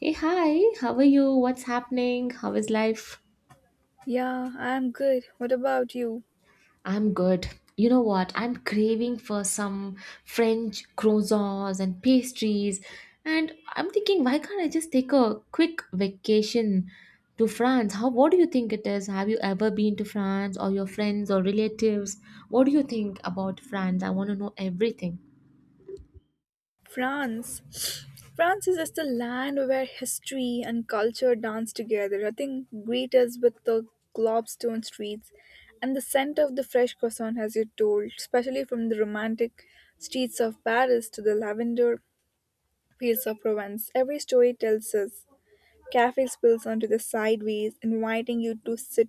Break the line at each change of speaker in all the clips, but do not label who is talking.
Hey, hi, how are you? What's happening? How is life?
Yeah, I'm good. What about you?
I'm good. You know what? I'm craving for some French croissants and pastries. And I'm thinking, why can't I just take a quick vacation to France? How, what do you think it is? Have you ever been to France or your friends or relatives? What do you think about France? I want to know everything.
France. France is just a land where history and culture dance together. I think greet us with the globstone streets and the scent of the fresh croissant, as you told, especially from the romantic streets of Paris to the lavender fields of Provence. Every story tells us. Cafe spills onto the sideways, inviting you to sit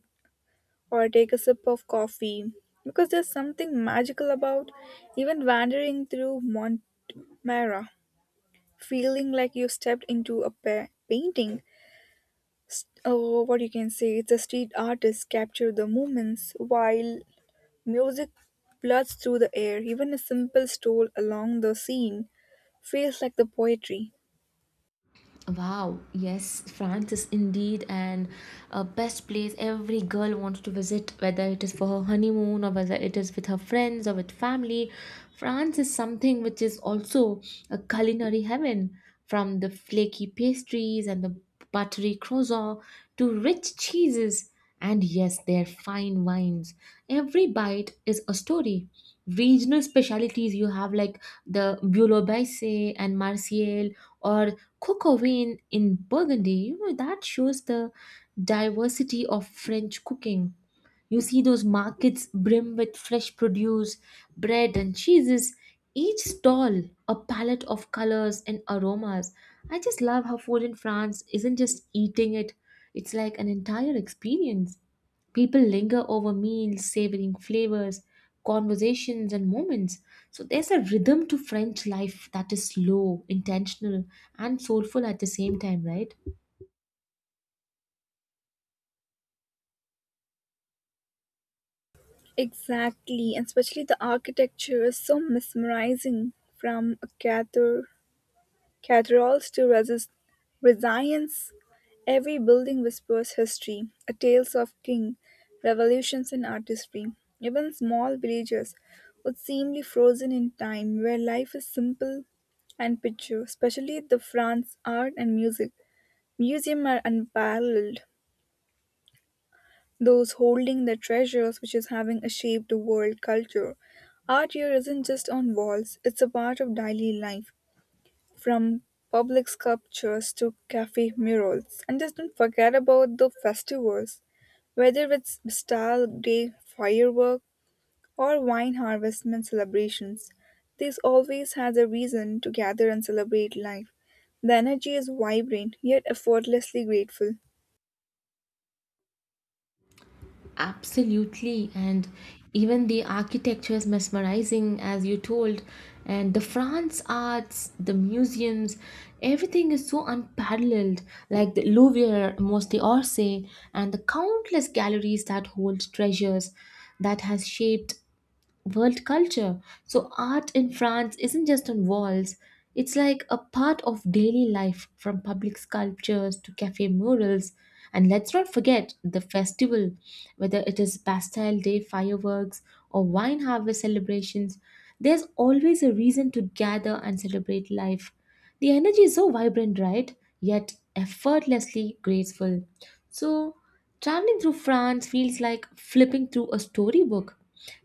or take a sip of coffee because there's something magical about even wandering through Montmara, feeling like you stepped into a painting. What you can say, it's a street artist capture the moments while music floods through the air. Even a simple stroll along the scene feels like the poetry.
Wow, yes, France is indeed an a best place every girl wants to visit, whether it is for her honeymoon or whether it is with her friends or with family. France is something which is also a culinary heaven, from the flaky pastries and the buttery croissant to rich cheeses and yes, their fine wines. Every bite is a story. Regional specialities you have like the Bulo and Marseille or cookery in Burgundy, you know, that shows the diversity of French cooking. You see those markets brim with fresh produce, bread and cheeses, each stall a palette of colors and aromas. I just love how food in France isn't just eating it, it's like an entire experience. People linger over meals, savoring flavors, conversations, and moments. So there's a rhythm to French life that is slow, intentional, and soulful at the same time, right?
Exactly, and especially the architecture is so mesmerizing from a Cathedrals to resist resilience, every building whispers history, a tales of king, revolutions and artistry. Even small villages would seemly frozen in time where life is simple and picture, especially the France art and music. Museum are unparalleled. Those holding the treasures which is having a shape to world culture. Art here isn't just on walls, it's a part of daily life. From public sculptures to cafe murals, and just don't forget about the festivals, whether it's Bastille Day firework or wine harvestment celebrations. This always has a reason to gather and celebrate life. The energy is vibrant yet effortlessly grateful.
Absolutely. And even the architecture is mesmerizing, as you told. And the France arts, the museums, everything is so unparalleled, like the Louvre, mostly Orsay, and the countless galleries that hold treasures that has shaped world culture. So, art in France isn't just on walls, it's like a part of daily life from public sculptures to cafe murals. And let's not forget the festival, whether it is Bastille Day fireworks or wine harvest celebrations, there's always a reason to gather and celebrate life. The energy is so vibrant, right? Yet effortlessly graceful. So, traveling through France feels like flipping through a storybook.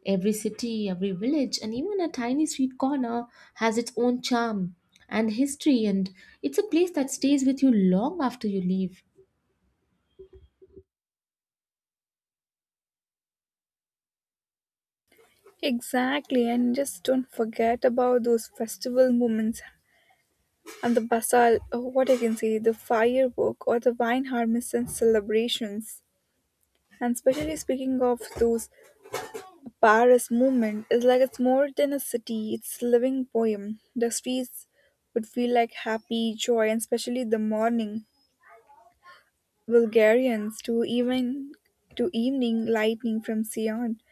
Every city, every village, and even a tiny street corner has its own charm and history, and it's a place that stays with you long after you leave.
Exactly, and just don't forget about those festival moments and the basal, or what I can say, the firework or the wine harvest and celebrations. And especially speaking of those, Paris movement is like it's more than a city, it's a living poem. The streets would feel like happy joy, and especially the morning. Bulgarians to even to evening lightning from Sion.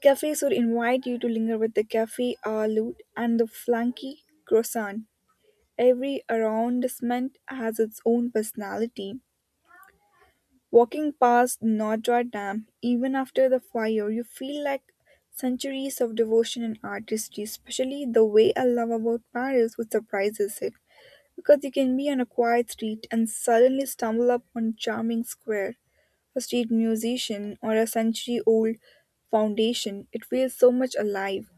Cafes would invite you to linger with the cafe a lute and the flanky croissant. Every arrondissement has its own personality. Walking past Notre Dame, even after the fire, you feel like centuries of devotion and artistry, especially the way I love about Paris, which surprises it. Because you can be on a quiet street and suddenly stumble upon a charming square, a street musician, or a century old foundation. It feels so much alive.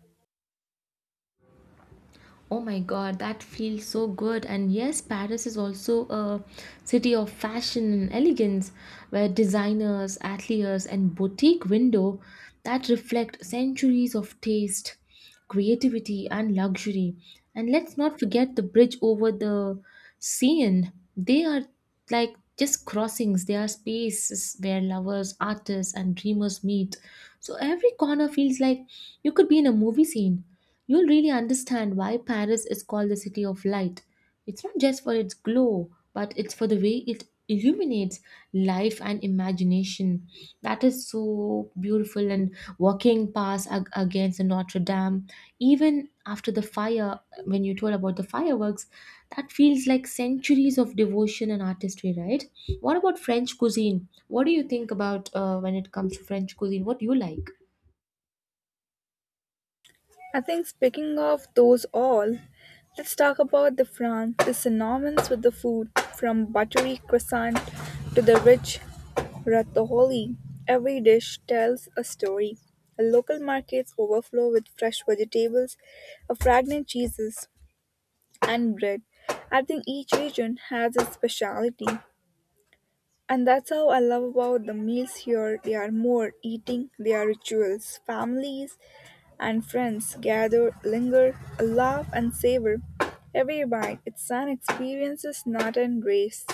Oh my god, that feels so good. And yes, Paris is also a city of fashion and elegance where designers, ateliers, and boutique window that reflect centuries of taste, creativity, and luxury. And let's not forget the bridge over the Seine. They are like just crossings, they are spaces where lovers, artists, and dreamers meet. So every corner feels like you could be in a movie scene. You'll really understand why Paris is called the City of Light. It's not just for its glow, but it's for the way it illuminates life and imagination. That is so beautiful. And walking past against the Notre Dame, even after the fire, when you told about the fireworks, that feels like centuries of devotion and artistry, right? What about French cuisine? What do you think about when it comes to French cuisine? What do you like?
I think, speaking of those all, let's talk about the France, the synonyms with the food, from buttery croissant to the rich Ratatouille. Every dish tells a story. Local markets overflow with fresh vegetables, a fragrant cheeses, and bread. I think each region has its specialty, and that's how I love about the meals here. They are more eating, they are rituals. Families and friends gather, linger, laugh, and savor. Every bite, it's an experience, not a race.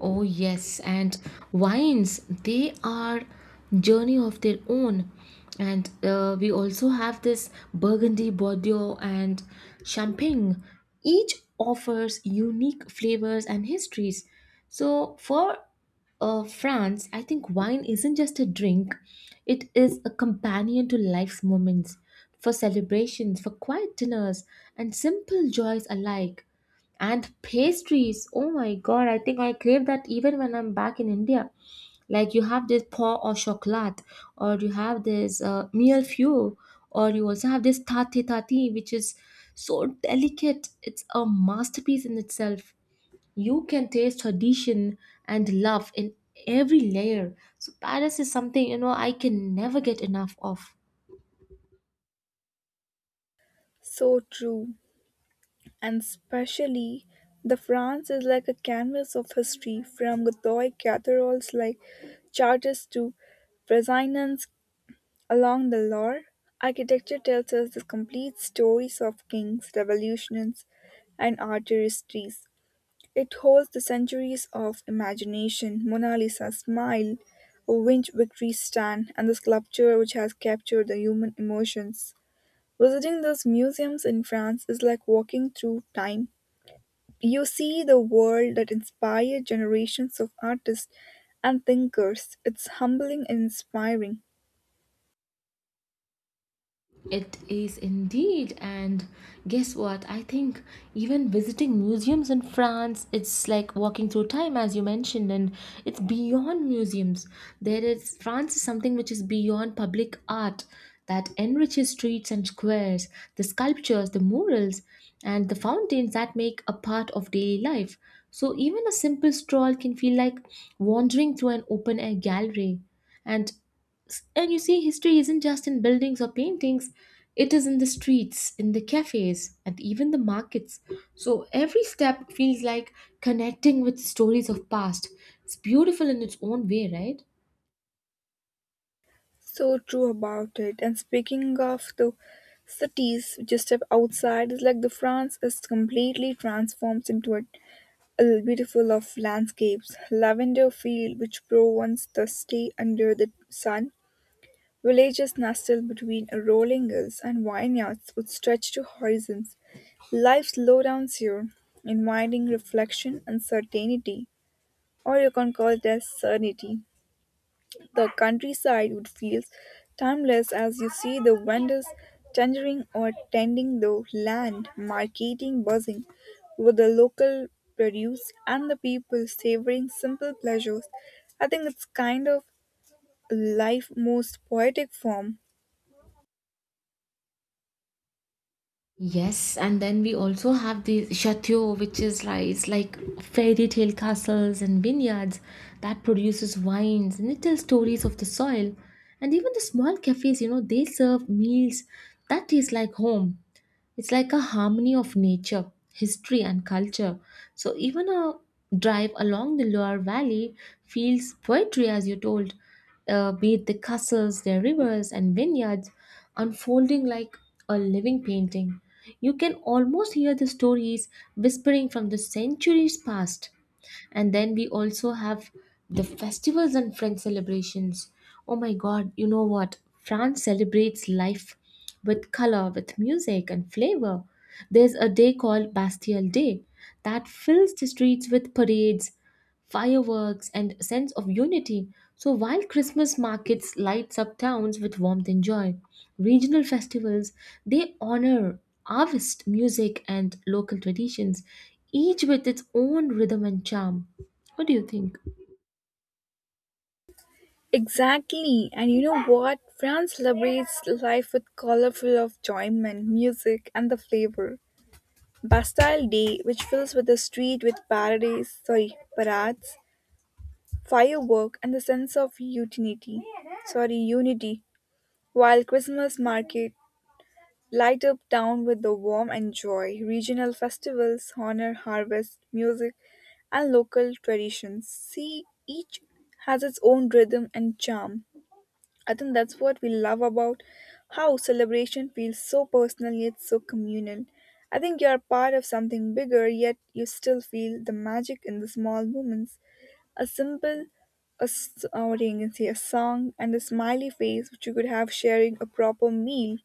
Oh, yes, and wines, they are journey of their own. And we also have this Burgundy, Bordeaux, and Champagne. Each offers unique flavors and histories. So, for France, I think wine isn't just a drink, it is a companion to life's moments, for celebrations, for quiet dinners, and simple joys alike. And pastries, oh my god, I think I crave that even when I'm back in India. Like you have this paw or chocolat, or you have this meal few, or you also have this tati tati, which is so delicate. It's a masterpiece in itself. You can taste tradition and love in every layer. So Paris is something you know I can never get enough of.
So true. And especially, the France is like a canvas of history from Gothic cathedrals like Chartres to Renaissance along the Loire. Architecture tells us the complete stories of kings, revolutions, and art histories. It holds the centuries of imagination, Mona Lisa's smile, a winch victory stand, and the sculpture which has captured the human emotions. Visiting those museums in France is like walking through time. You see the world that inspired generations of artists and thinkers. It's humbling and inspiring.
It is indeed, and guess what? I think even visiting museums in France, it's like walking through time, as you mentioned, and it's beyond museums. There is France is something which is beyond public art that enriches streets and squares, the sculptures, the murals, and the fountains that make a part of daily life. So even a simple stroll can feel like wandering through an open air gallery. And and you see, history isn't just in buildings or paintings, it is in the streets, in the cafes, and even the markets. So every step feels like connecting with stories of past. It's beautiful in its own way, right?
So true about it. And speaking of the cities just step outside, it's like the France is completely transforms into a beautiful of landscapes. Lavender field which Provence the stay under the sun. Villages nestled between rolling hills and vineyards would stretch to horizons. Life slowdowns you, inviting reflection and certainty, or you can call it as sanity. The countryside would feel timeless as you see the vendors tendering or tending the land, marketing buzzing with the local produce and the people savoring simple pleasures. I think it's kind of life most poetic form.
Yes, and then we also have the chateau, which is like it's like fairy tale castles and vineyards that produces wines and it tells stories of the soil. And even the small cafes, you know, they serve meals that taste like home. It's like a harmony of nature, history, and culture. So even a drive along the Loire Valley feels poetry, as you told, be it the castles, their rivers, and vineyards unfolding like a living painting. You can almost hear the stories whispering from the centuries past, and then we also have the festivals and French celebrations. Oh my god, you know what, France celebrates life with color, with music and flavor. There's a day called Bastille Day that fills the streets with parades, fireworks and sense of unity. So while Christmas markets lights up towns with warmth and joy, regional festivals they honor harvest music and local traditions, each with its own rhythm and charm. What do you think?
Exactly. And you know what? France celebrates life with colorful of enjoyment, music, and the flavor. Bastille Day, which fills with the street with parades, firework, and the sense of unity. While Christmas market light up town with the warm and joy. Regional festivals honor harvest, music, and local traditions. See, each has its own rhythm and charm. I think that's what we love about how celebration feels so personal yet so communal. I think you are part of something bigger, yet you still feel the magic in the small moments. A simple, a, s- What you can say, a song and a smiley face, which you could have sharing a proper meal.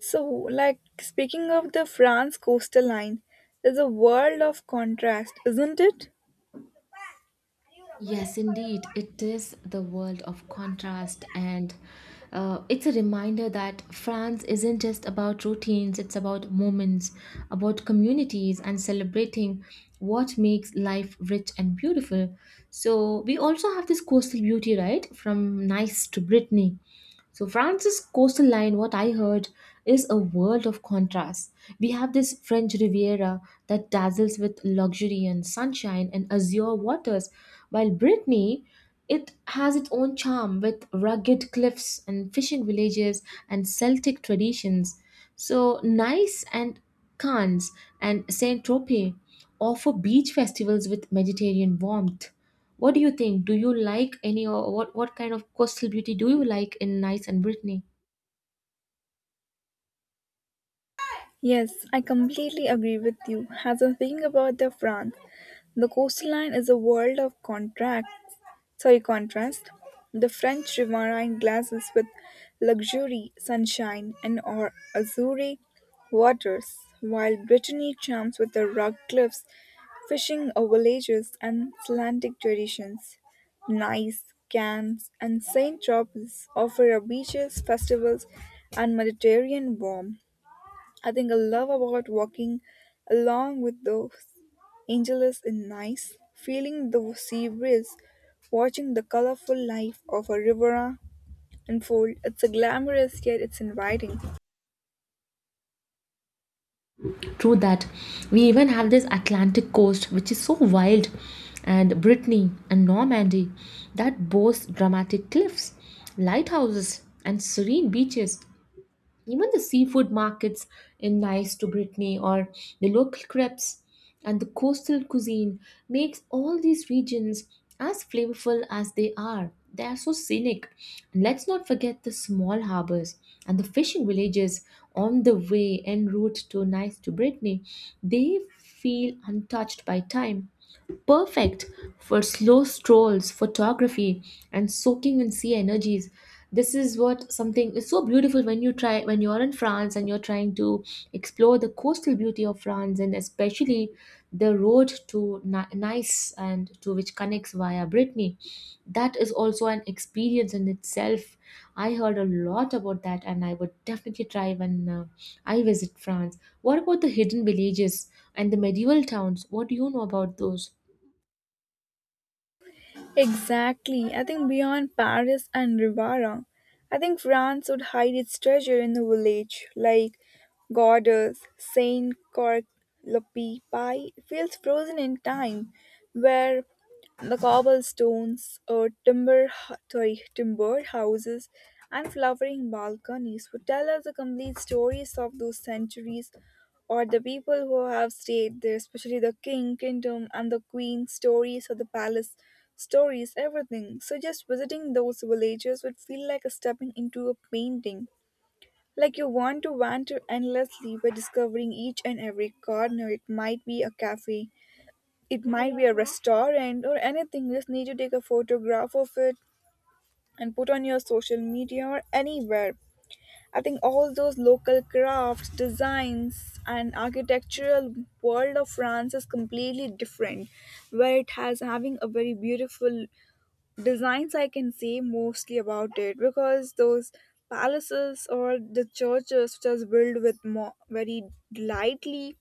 So, like speaking of the France coastal line, there's a world of contrast, isn't it?
Yes, indeed. It is the world of contrast, and it's a reminder that France isn't just about routines, it's about moments, about communities, and celebrating what makes life rich and beautiful. So, we also have this coastal beauty, right? From Nice to Brittany. So France's coastal line, what I heard, is a world of contrasts. We have this French Riviera that dazzles with luxury and sunshine and azure waters, while Brittany, it has its own charm with rugged cliffs and fishing villages and Celtic traditions. So Nice and Cannes and Saint Tropez offer beach festivals with Mediterranean warmth. What do you think? Do you like any, or what kind of coastal beauty do you like in Nice and Brittany?
Yes, I completely agree with you. As I'm thinking about the France, the coastline is a world of contrast. The French Riviera in glasses with luxury, sunshine, and or azure waters, while Brittany charms with the rock cliffs, fishing villages, and Atlantic traditions. Nice, Cannes, and Saint Tropez offer a beaches, festivals, and Mediterranean warmth. I think I love about walking along with the angelus in Nice, feeling the sea breeze, watching the colorful life of a riviera unfold. It's a glamorous yet it's inviting.
True that. We even have this Atlantic coast which is so wild and Brittany and Normandy that boasts dramatic cliffs, lighthouses and serene beaches. Even the seafood markets in Nice to Brittany or the local crepes and the coastal cuisine makes all these regions as flavorful as they are. They are so scenic. And let's not forget the small harbors and the fishing villages on the way en route to Nice to Brittany. They feel untouched by time, perfect for slow strolls, photography, and soaking in sea energies. This is what something is so beautiful when you try when you're in France and you're trying to explore the coastal beauty of France and especially the road to Nice and to which connects via Brittany. That is also an experience in itself. I heard a lot about that, and I would definitely try when I visit France. What about the hidden villages and the medieval towns? What do you know about those?
Exactly. I think beyond Paris and Rivara, I think France would hide its treasure in the village, like Gordes, Saint Cork Lopi Pie feels frozen in time, where the cobblestones, timbered houses, and flowering balconies would tell us the complete stories of those centuries or the people who have stayed there, especially the king, kingdom, and the queen, stories or the palace, stories, everything. So just visiting those villages would feel like a stepping into a painting. Like you want to wander endlessly by discovering each and every corner. It might be a cafe, it might be a restaurant, or anything. You just need to take a photograph of it and put on your social media or anywhere. I think all those local crafts, designs, and architectural world of France is completely different, where it has having a very beautiful designs. I can say mostly about it because those palaces or the churches which are built with more, very lightly,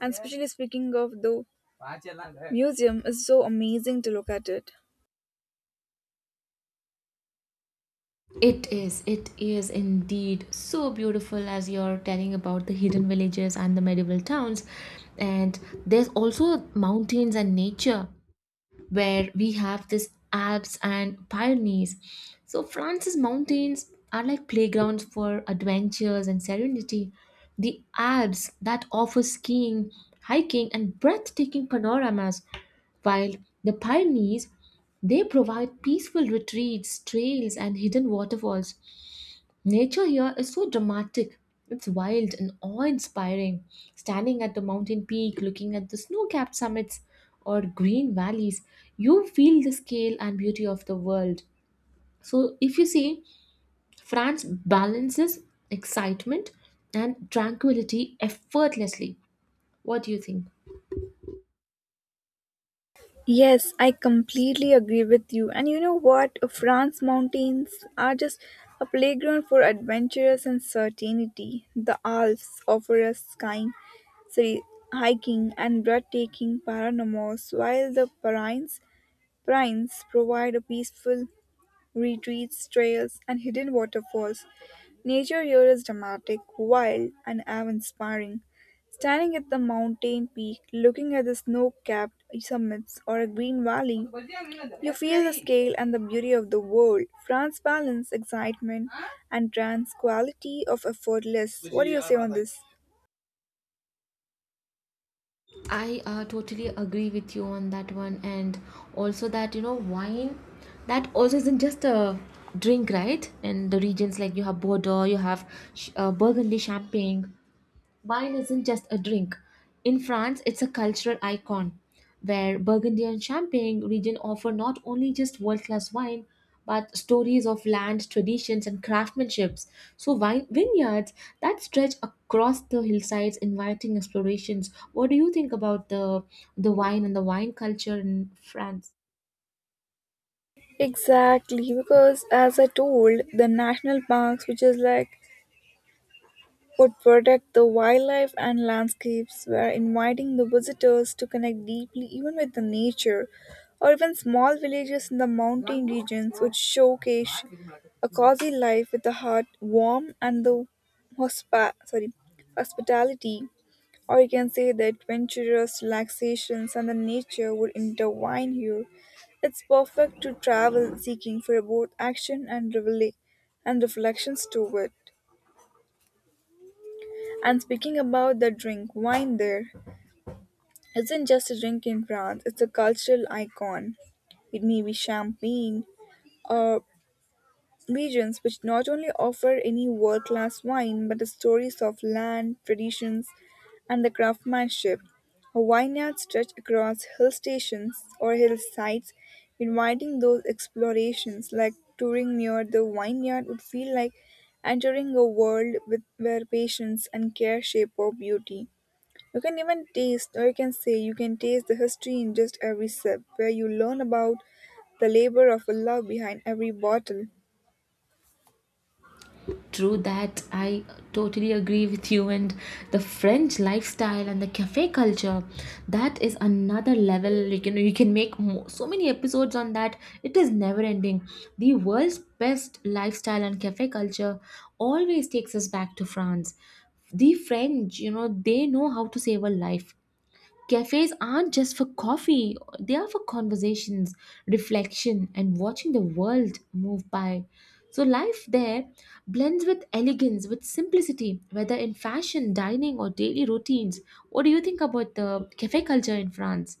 and especially speaking of the museum is so amazing to look at it.
It is indeed so beautiful as you're telling about the hidden villages and the medieval towns. And there's also mountains and nature where we have this Alps and Pyrenees. So France's mountains are like playgrounds for adventures and serenity. The Alps that offer skiing, hiking, and breathtaking panoramas, while the Pyrenees they provide peaceful retreats, trails, and hidden waterfalls. Nature here is so dramatic. It's wild and awe inspiring. Standing at the mountain peak, looking at the snow capped summits or green valleys, you feel the scale and beauty of the world. So, if you see, France balances excitement and tranquility effortlessly. What do you think?
Yes, I completely agree with you. And you know what? France mountains are just a playground for adventurous and certainty. The Alps offer us sorry, hiking, and breathtaking panoramas, while the Pyrenees provide a peaceful retreats, trails, and hidden waterfalls. Nature here is dramatic, wild, and awe-inspiring. Standing at the mountain peak, looking at the snow-capped summits or a green valley, you feel the scale and the beauty of the world. France balance excitement and trans quality of effortless. What do you say on this?
I totally agree with you on that one, and also that you know wine, that also isn't just a drink, right? And the regions like you have Bordeaux, you have Burgundy, Champagne. Wine isn't just a drink. In France, it's a cultural icon, where Burgundy and Champagne region offer not only just world-class wine, but stories of land, traditions, and craftsmanships. So wine vineyards that stretch across the hillsides, inviting explorations. What do you think about the wine and the wine culture in France?
Exactly, because as I told, the national parks, which is like would protect the wildlife and landscapes were inviting the visitors to connect deeply even with the nature or even small villages in the mountain regions would showcase a cozy life with the heart warm and the hospa- sorry, hospitality, or you can say the adventurous relaxations and the nature would intertwine here. It's perfect to travel seeking for both action and reflections to it. And speaking about the drink, wine there isn't just a drink in France, it's a cultural icon. It may be champagne or regions which not only offer any world class wine but the stories of land, traditions, and the craftsmanship. A vineyard stretched across hill stations or hillsides, inviting those explorations like touring near the vineyard would feel like entering a world with, where patience and care shape our beauty. You can even taste, or you can say, you can taste the history in just every sip, where you learn about the labor of love behind every bottle.
True that. I totally agree with you. And the French lifestyle and the cafe culture, that is another level. You can make so many episodes on that. It is never ending. The world's best lifestyle and cafe culture always takes us back to France. The French, you know, they know how to save a life. Cafes aren't just for coffee, they are for conversations, reflection, and watching the world move by. So, life there blends with elegance, with simplicity, whether in fashion, dining, or daily routines. What do you think about the cafe culture in France?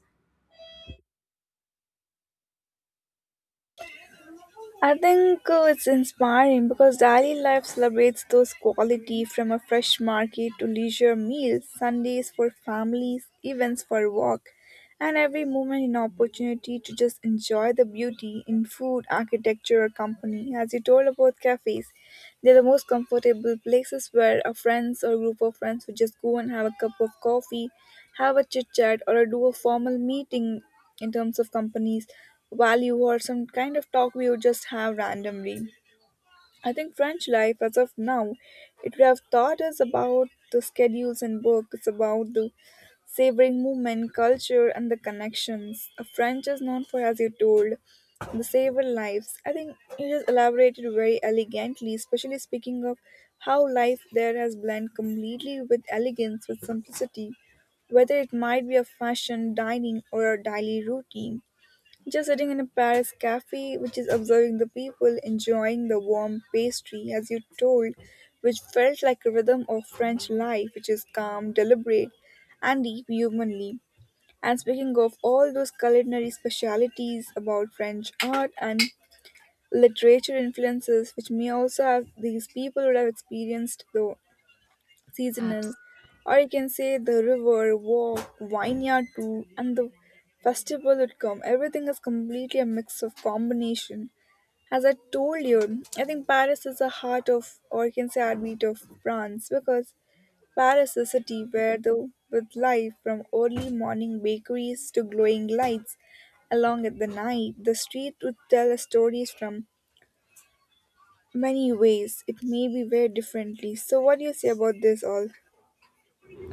I think it's inspiring because daily life celebrates those quality from a fresh market to leisure meals, Sundays for families, events for work, and every moment an opportunity to just enjoy the beauty in food, architecture, or company. As you told about cafes, they're the most comfortable places where a friends or group of friends would just go and have a cup of coffee, have a chit chat, or do a formal meeting in terms of companies value or some kind of talk we would just have randomly. I think French life, as of now, it would have taught us about the schedules and work. It's about the savoring movement, culture, and the connections. French is known for, as you told, the savor lives. I think it is elaborated very elegantly, especially speaking of how life there has blended completely with elegance, with simplicity, whether it might be a fashion, dining, or a daily routine. Just sitting in a Paris cafe, which is observing the people enjoying the warm pastry, as you told, which felt like a rhythm of French life, which is calm, deliberate, and deep humanly. And speaking of all those culinary specialities about French art and literature influences, which may also have these people would have experienced the seasonal, or you can say the river, walk, vineyard tour, and the festival would come. Everything is completely a mix of combination. As I told you, I think Paris is the heart of, or you can say heartbeat of France, because Paris is a city where the with life from early morning bakeries to glowing lights along at the night, the street would tell stories from many ways. It may be very differently. So, what do you say about this all?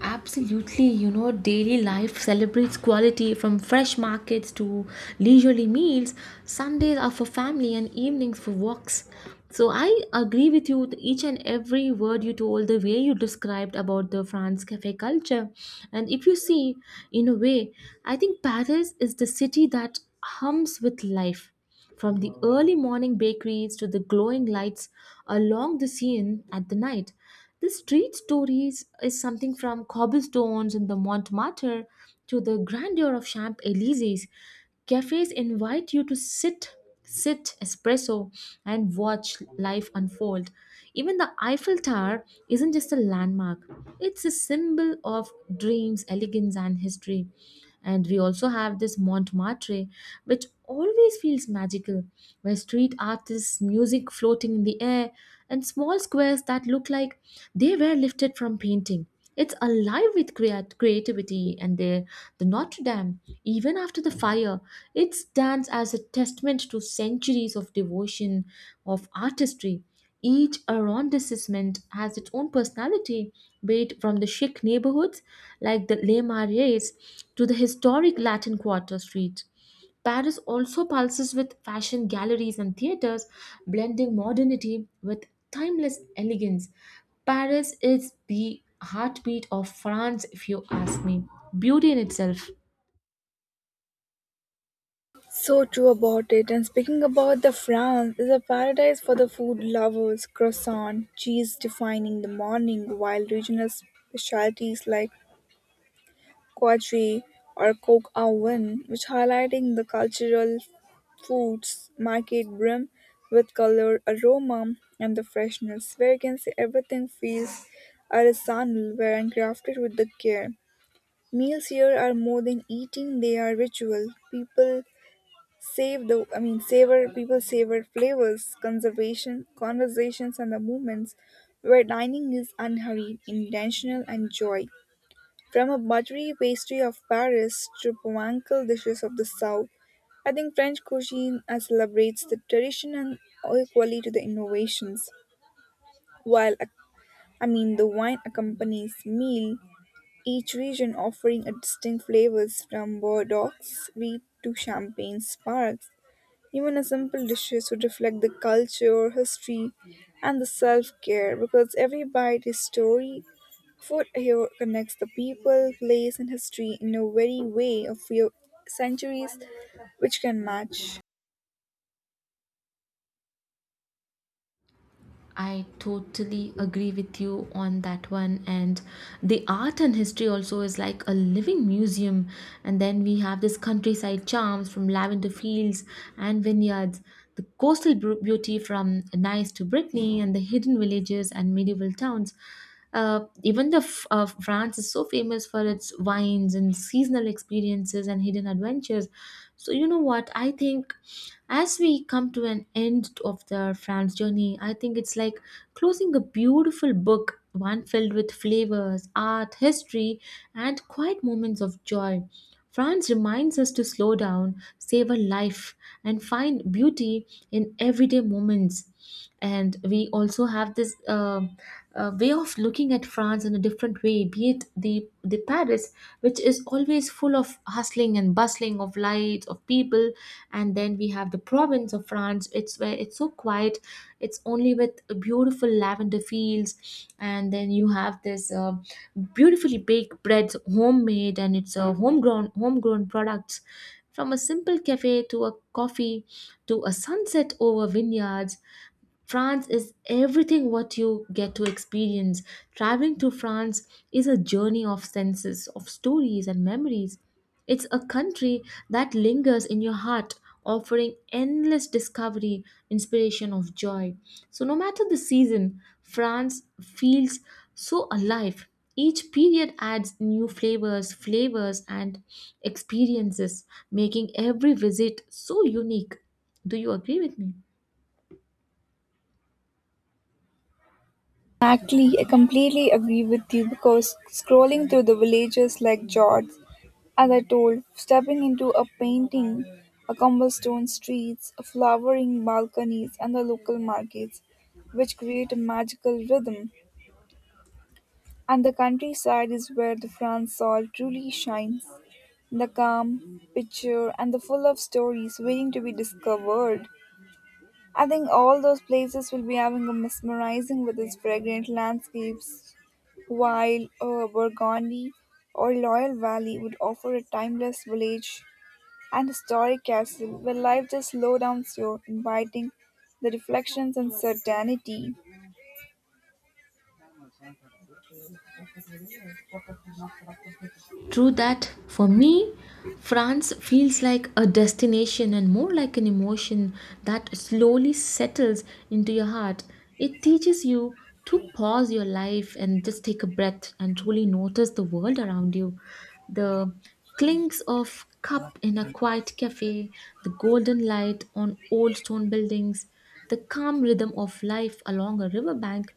Absolutely, you know, daily life celebrates quality from fresh markets to leisurely meals. Sundays are for family and evenings for walks. So I agree with you with each and every word you told, the way you described about the France cafe culture. And if you see, in a way, I think Paris is the city that hums with life from the early morning bakeries to the glowing lights along the Seine at the night. The street stories is something from cobblestones in the Montmartre to the grandeur of Champs Elysees. Cafes invite you to sit espresso and watch life unfold. Even the Eiffel Tower isn't just a landmark, it's a symbol of dreams, elegance, and history. And we also have this Montmartre, which always feels magical, where street artists music floating in the air and small squares that look like they were lifted from painting. It's alive with creativity, the Notre Dame, even after the fire, it stands as a testament to centuries of devotion, of artistry. Each arrondissement has its own personality, be it from the chic neighborhoods like the Les Marais to the historic Latin Quarter Street. Paris also pulses with fashion galleries and theaters, blending modernity with timeless elegance. Paris is the heartbeat of France, if you ask me. Beauty in itself.
So true about it. And speaking about the France, is a paradise for the food lovers. Croissant, cheese defining the morning, while regional specialties like quadri or coke au vin, which highlighting the cultural foods market brim with color, aroma, and the freshness, where you can see everything feels artisanal, where and crafted with the care. Meals here are more than eating; they are ritual. People Save the I mean savor people savor flavors, conservation, conversations and the moments where dining is unhurried, intentional and joy. From a buttery pastry of Paris to pomankal dishes of the South, I think French cuisine celebrates the tradition and equally to the innovations. While I mean The wine accompanies meal, each region offering a distinct flavors from Bordeaux sweet to Champagne sparks. Even a simple dishes should reflect the culture, history, and the self care because every bite is story. Food here connects the people, place, and history in a very way of few centuries which can match.
I totally agree with you on that one. And the art and history also is like a living museum. And then we have this countryside charms from lavender fields and vineyards, the beauty from Nice to Brittany, and the hidden villages and medieval towns. France is so famous for its wines and seasonal experiences and hidden adventures. So you know what? I think as we come to an end of the France journey, I think it's like closing a beautiful book, one filled with flavors, art, history, and quiet moments of joy. France reminds us to slow down, savor life, and find beauty in everyday moments. And we also have this way of looking at France in a different way, be it the Paris, which is always full of hustling and bustling of lights of people, and then we have the province of France. It's where it's so quiet. It's only with beautiful lavender fields, and then you have this beautifully baked breads, homemade, and it's a homegrown products. From a simple cafe to a coffee to a sunset over vineyards, France is everything what you get to experience. Traveling to France is a journey of senses, of stories and memories. It's a country that lingers in your heart, offering endless discovery, inspiration of joy. So no matter the season, France feels so alive. Each period adds new flavors and experiences, making every visit so unique. Do you agree with me?
Exactly, I completely agree with you because scrolling through the villages like George, as I told, stepping into a painting, a cobblestone streets, flowering balconies, and the local markets, which create a magical rhythm. And the countryside is where the France soul truly shines, the calm, picture, and the full of stories waiting to be discovered. I think all those places will be having a mesmerizing with its fragrant landscapes, while Burgundy or Loyal Valley would offer a timeless village and historic castle where life just slow down slow, inviting the reflections and certainty.
True that. For me, France feels like a destination and more like an emotion that slowly settles into your heart. It teaches you to pause your life and just take a breath and truly notice the world around you. The clinks of cup in a quiet cafe, the golden light on old stone buildings, the calm rhythm of life along a riverbank,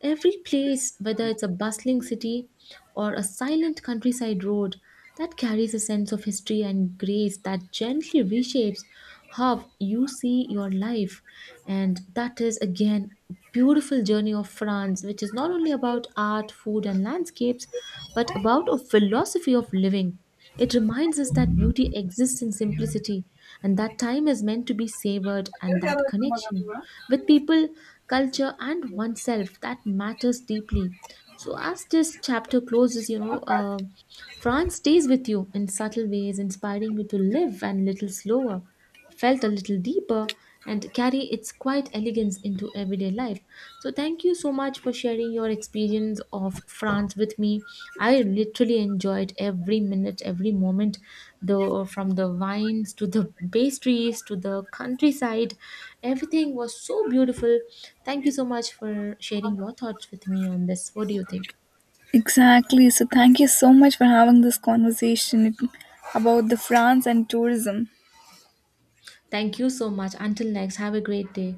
every place, whether it's a bustling city or a silent countryside road, that carries a sense of history and grace that gently reshapes how you see your life. And that is again a beautiful journey of France, which is not only about art, food, and landscapes, but about a philosophy of living. It reminds us that beauty exists in simplicity and that time is meant to be savored, and that connection with people, culture, and oneself that matters deeply. So as this chapter closes, you know, France stays with you in subtle ways, inspiring you to live and little slower, felt a little deeper, and carry its quiet elegance into everyday life. So, thank you so much for sharing your experience of France with me. I literally enjoyed every minute, every moment, the from the wines to the pastries to the countryside. Everything was so beautiful. Thank you so much for sharing your thoughts with me on this. What do you think?
Exactly. So thank you so much for having this conversation about the France and tourism.
Thank you so much. Until next, have a great day.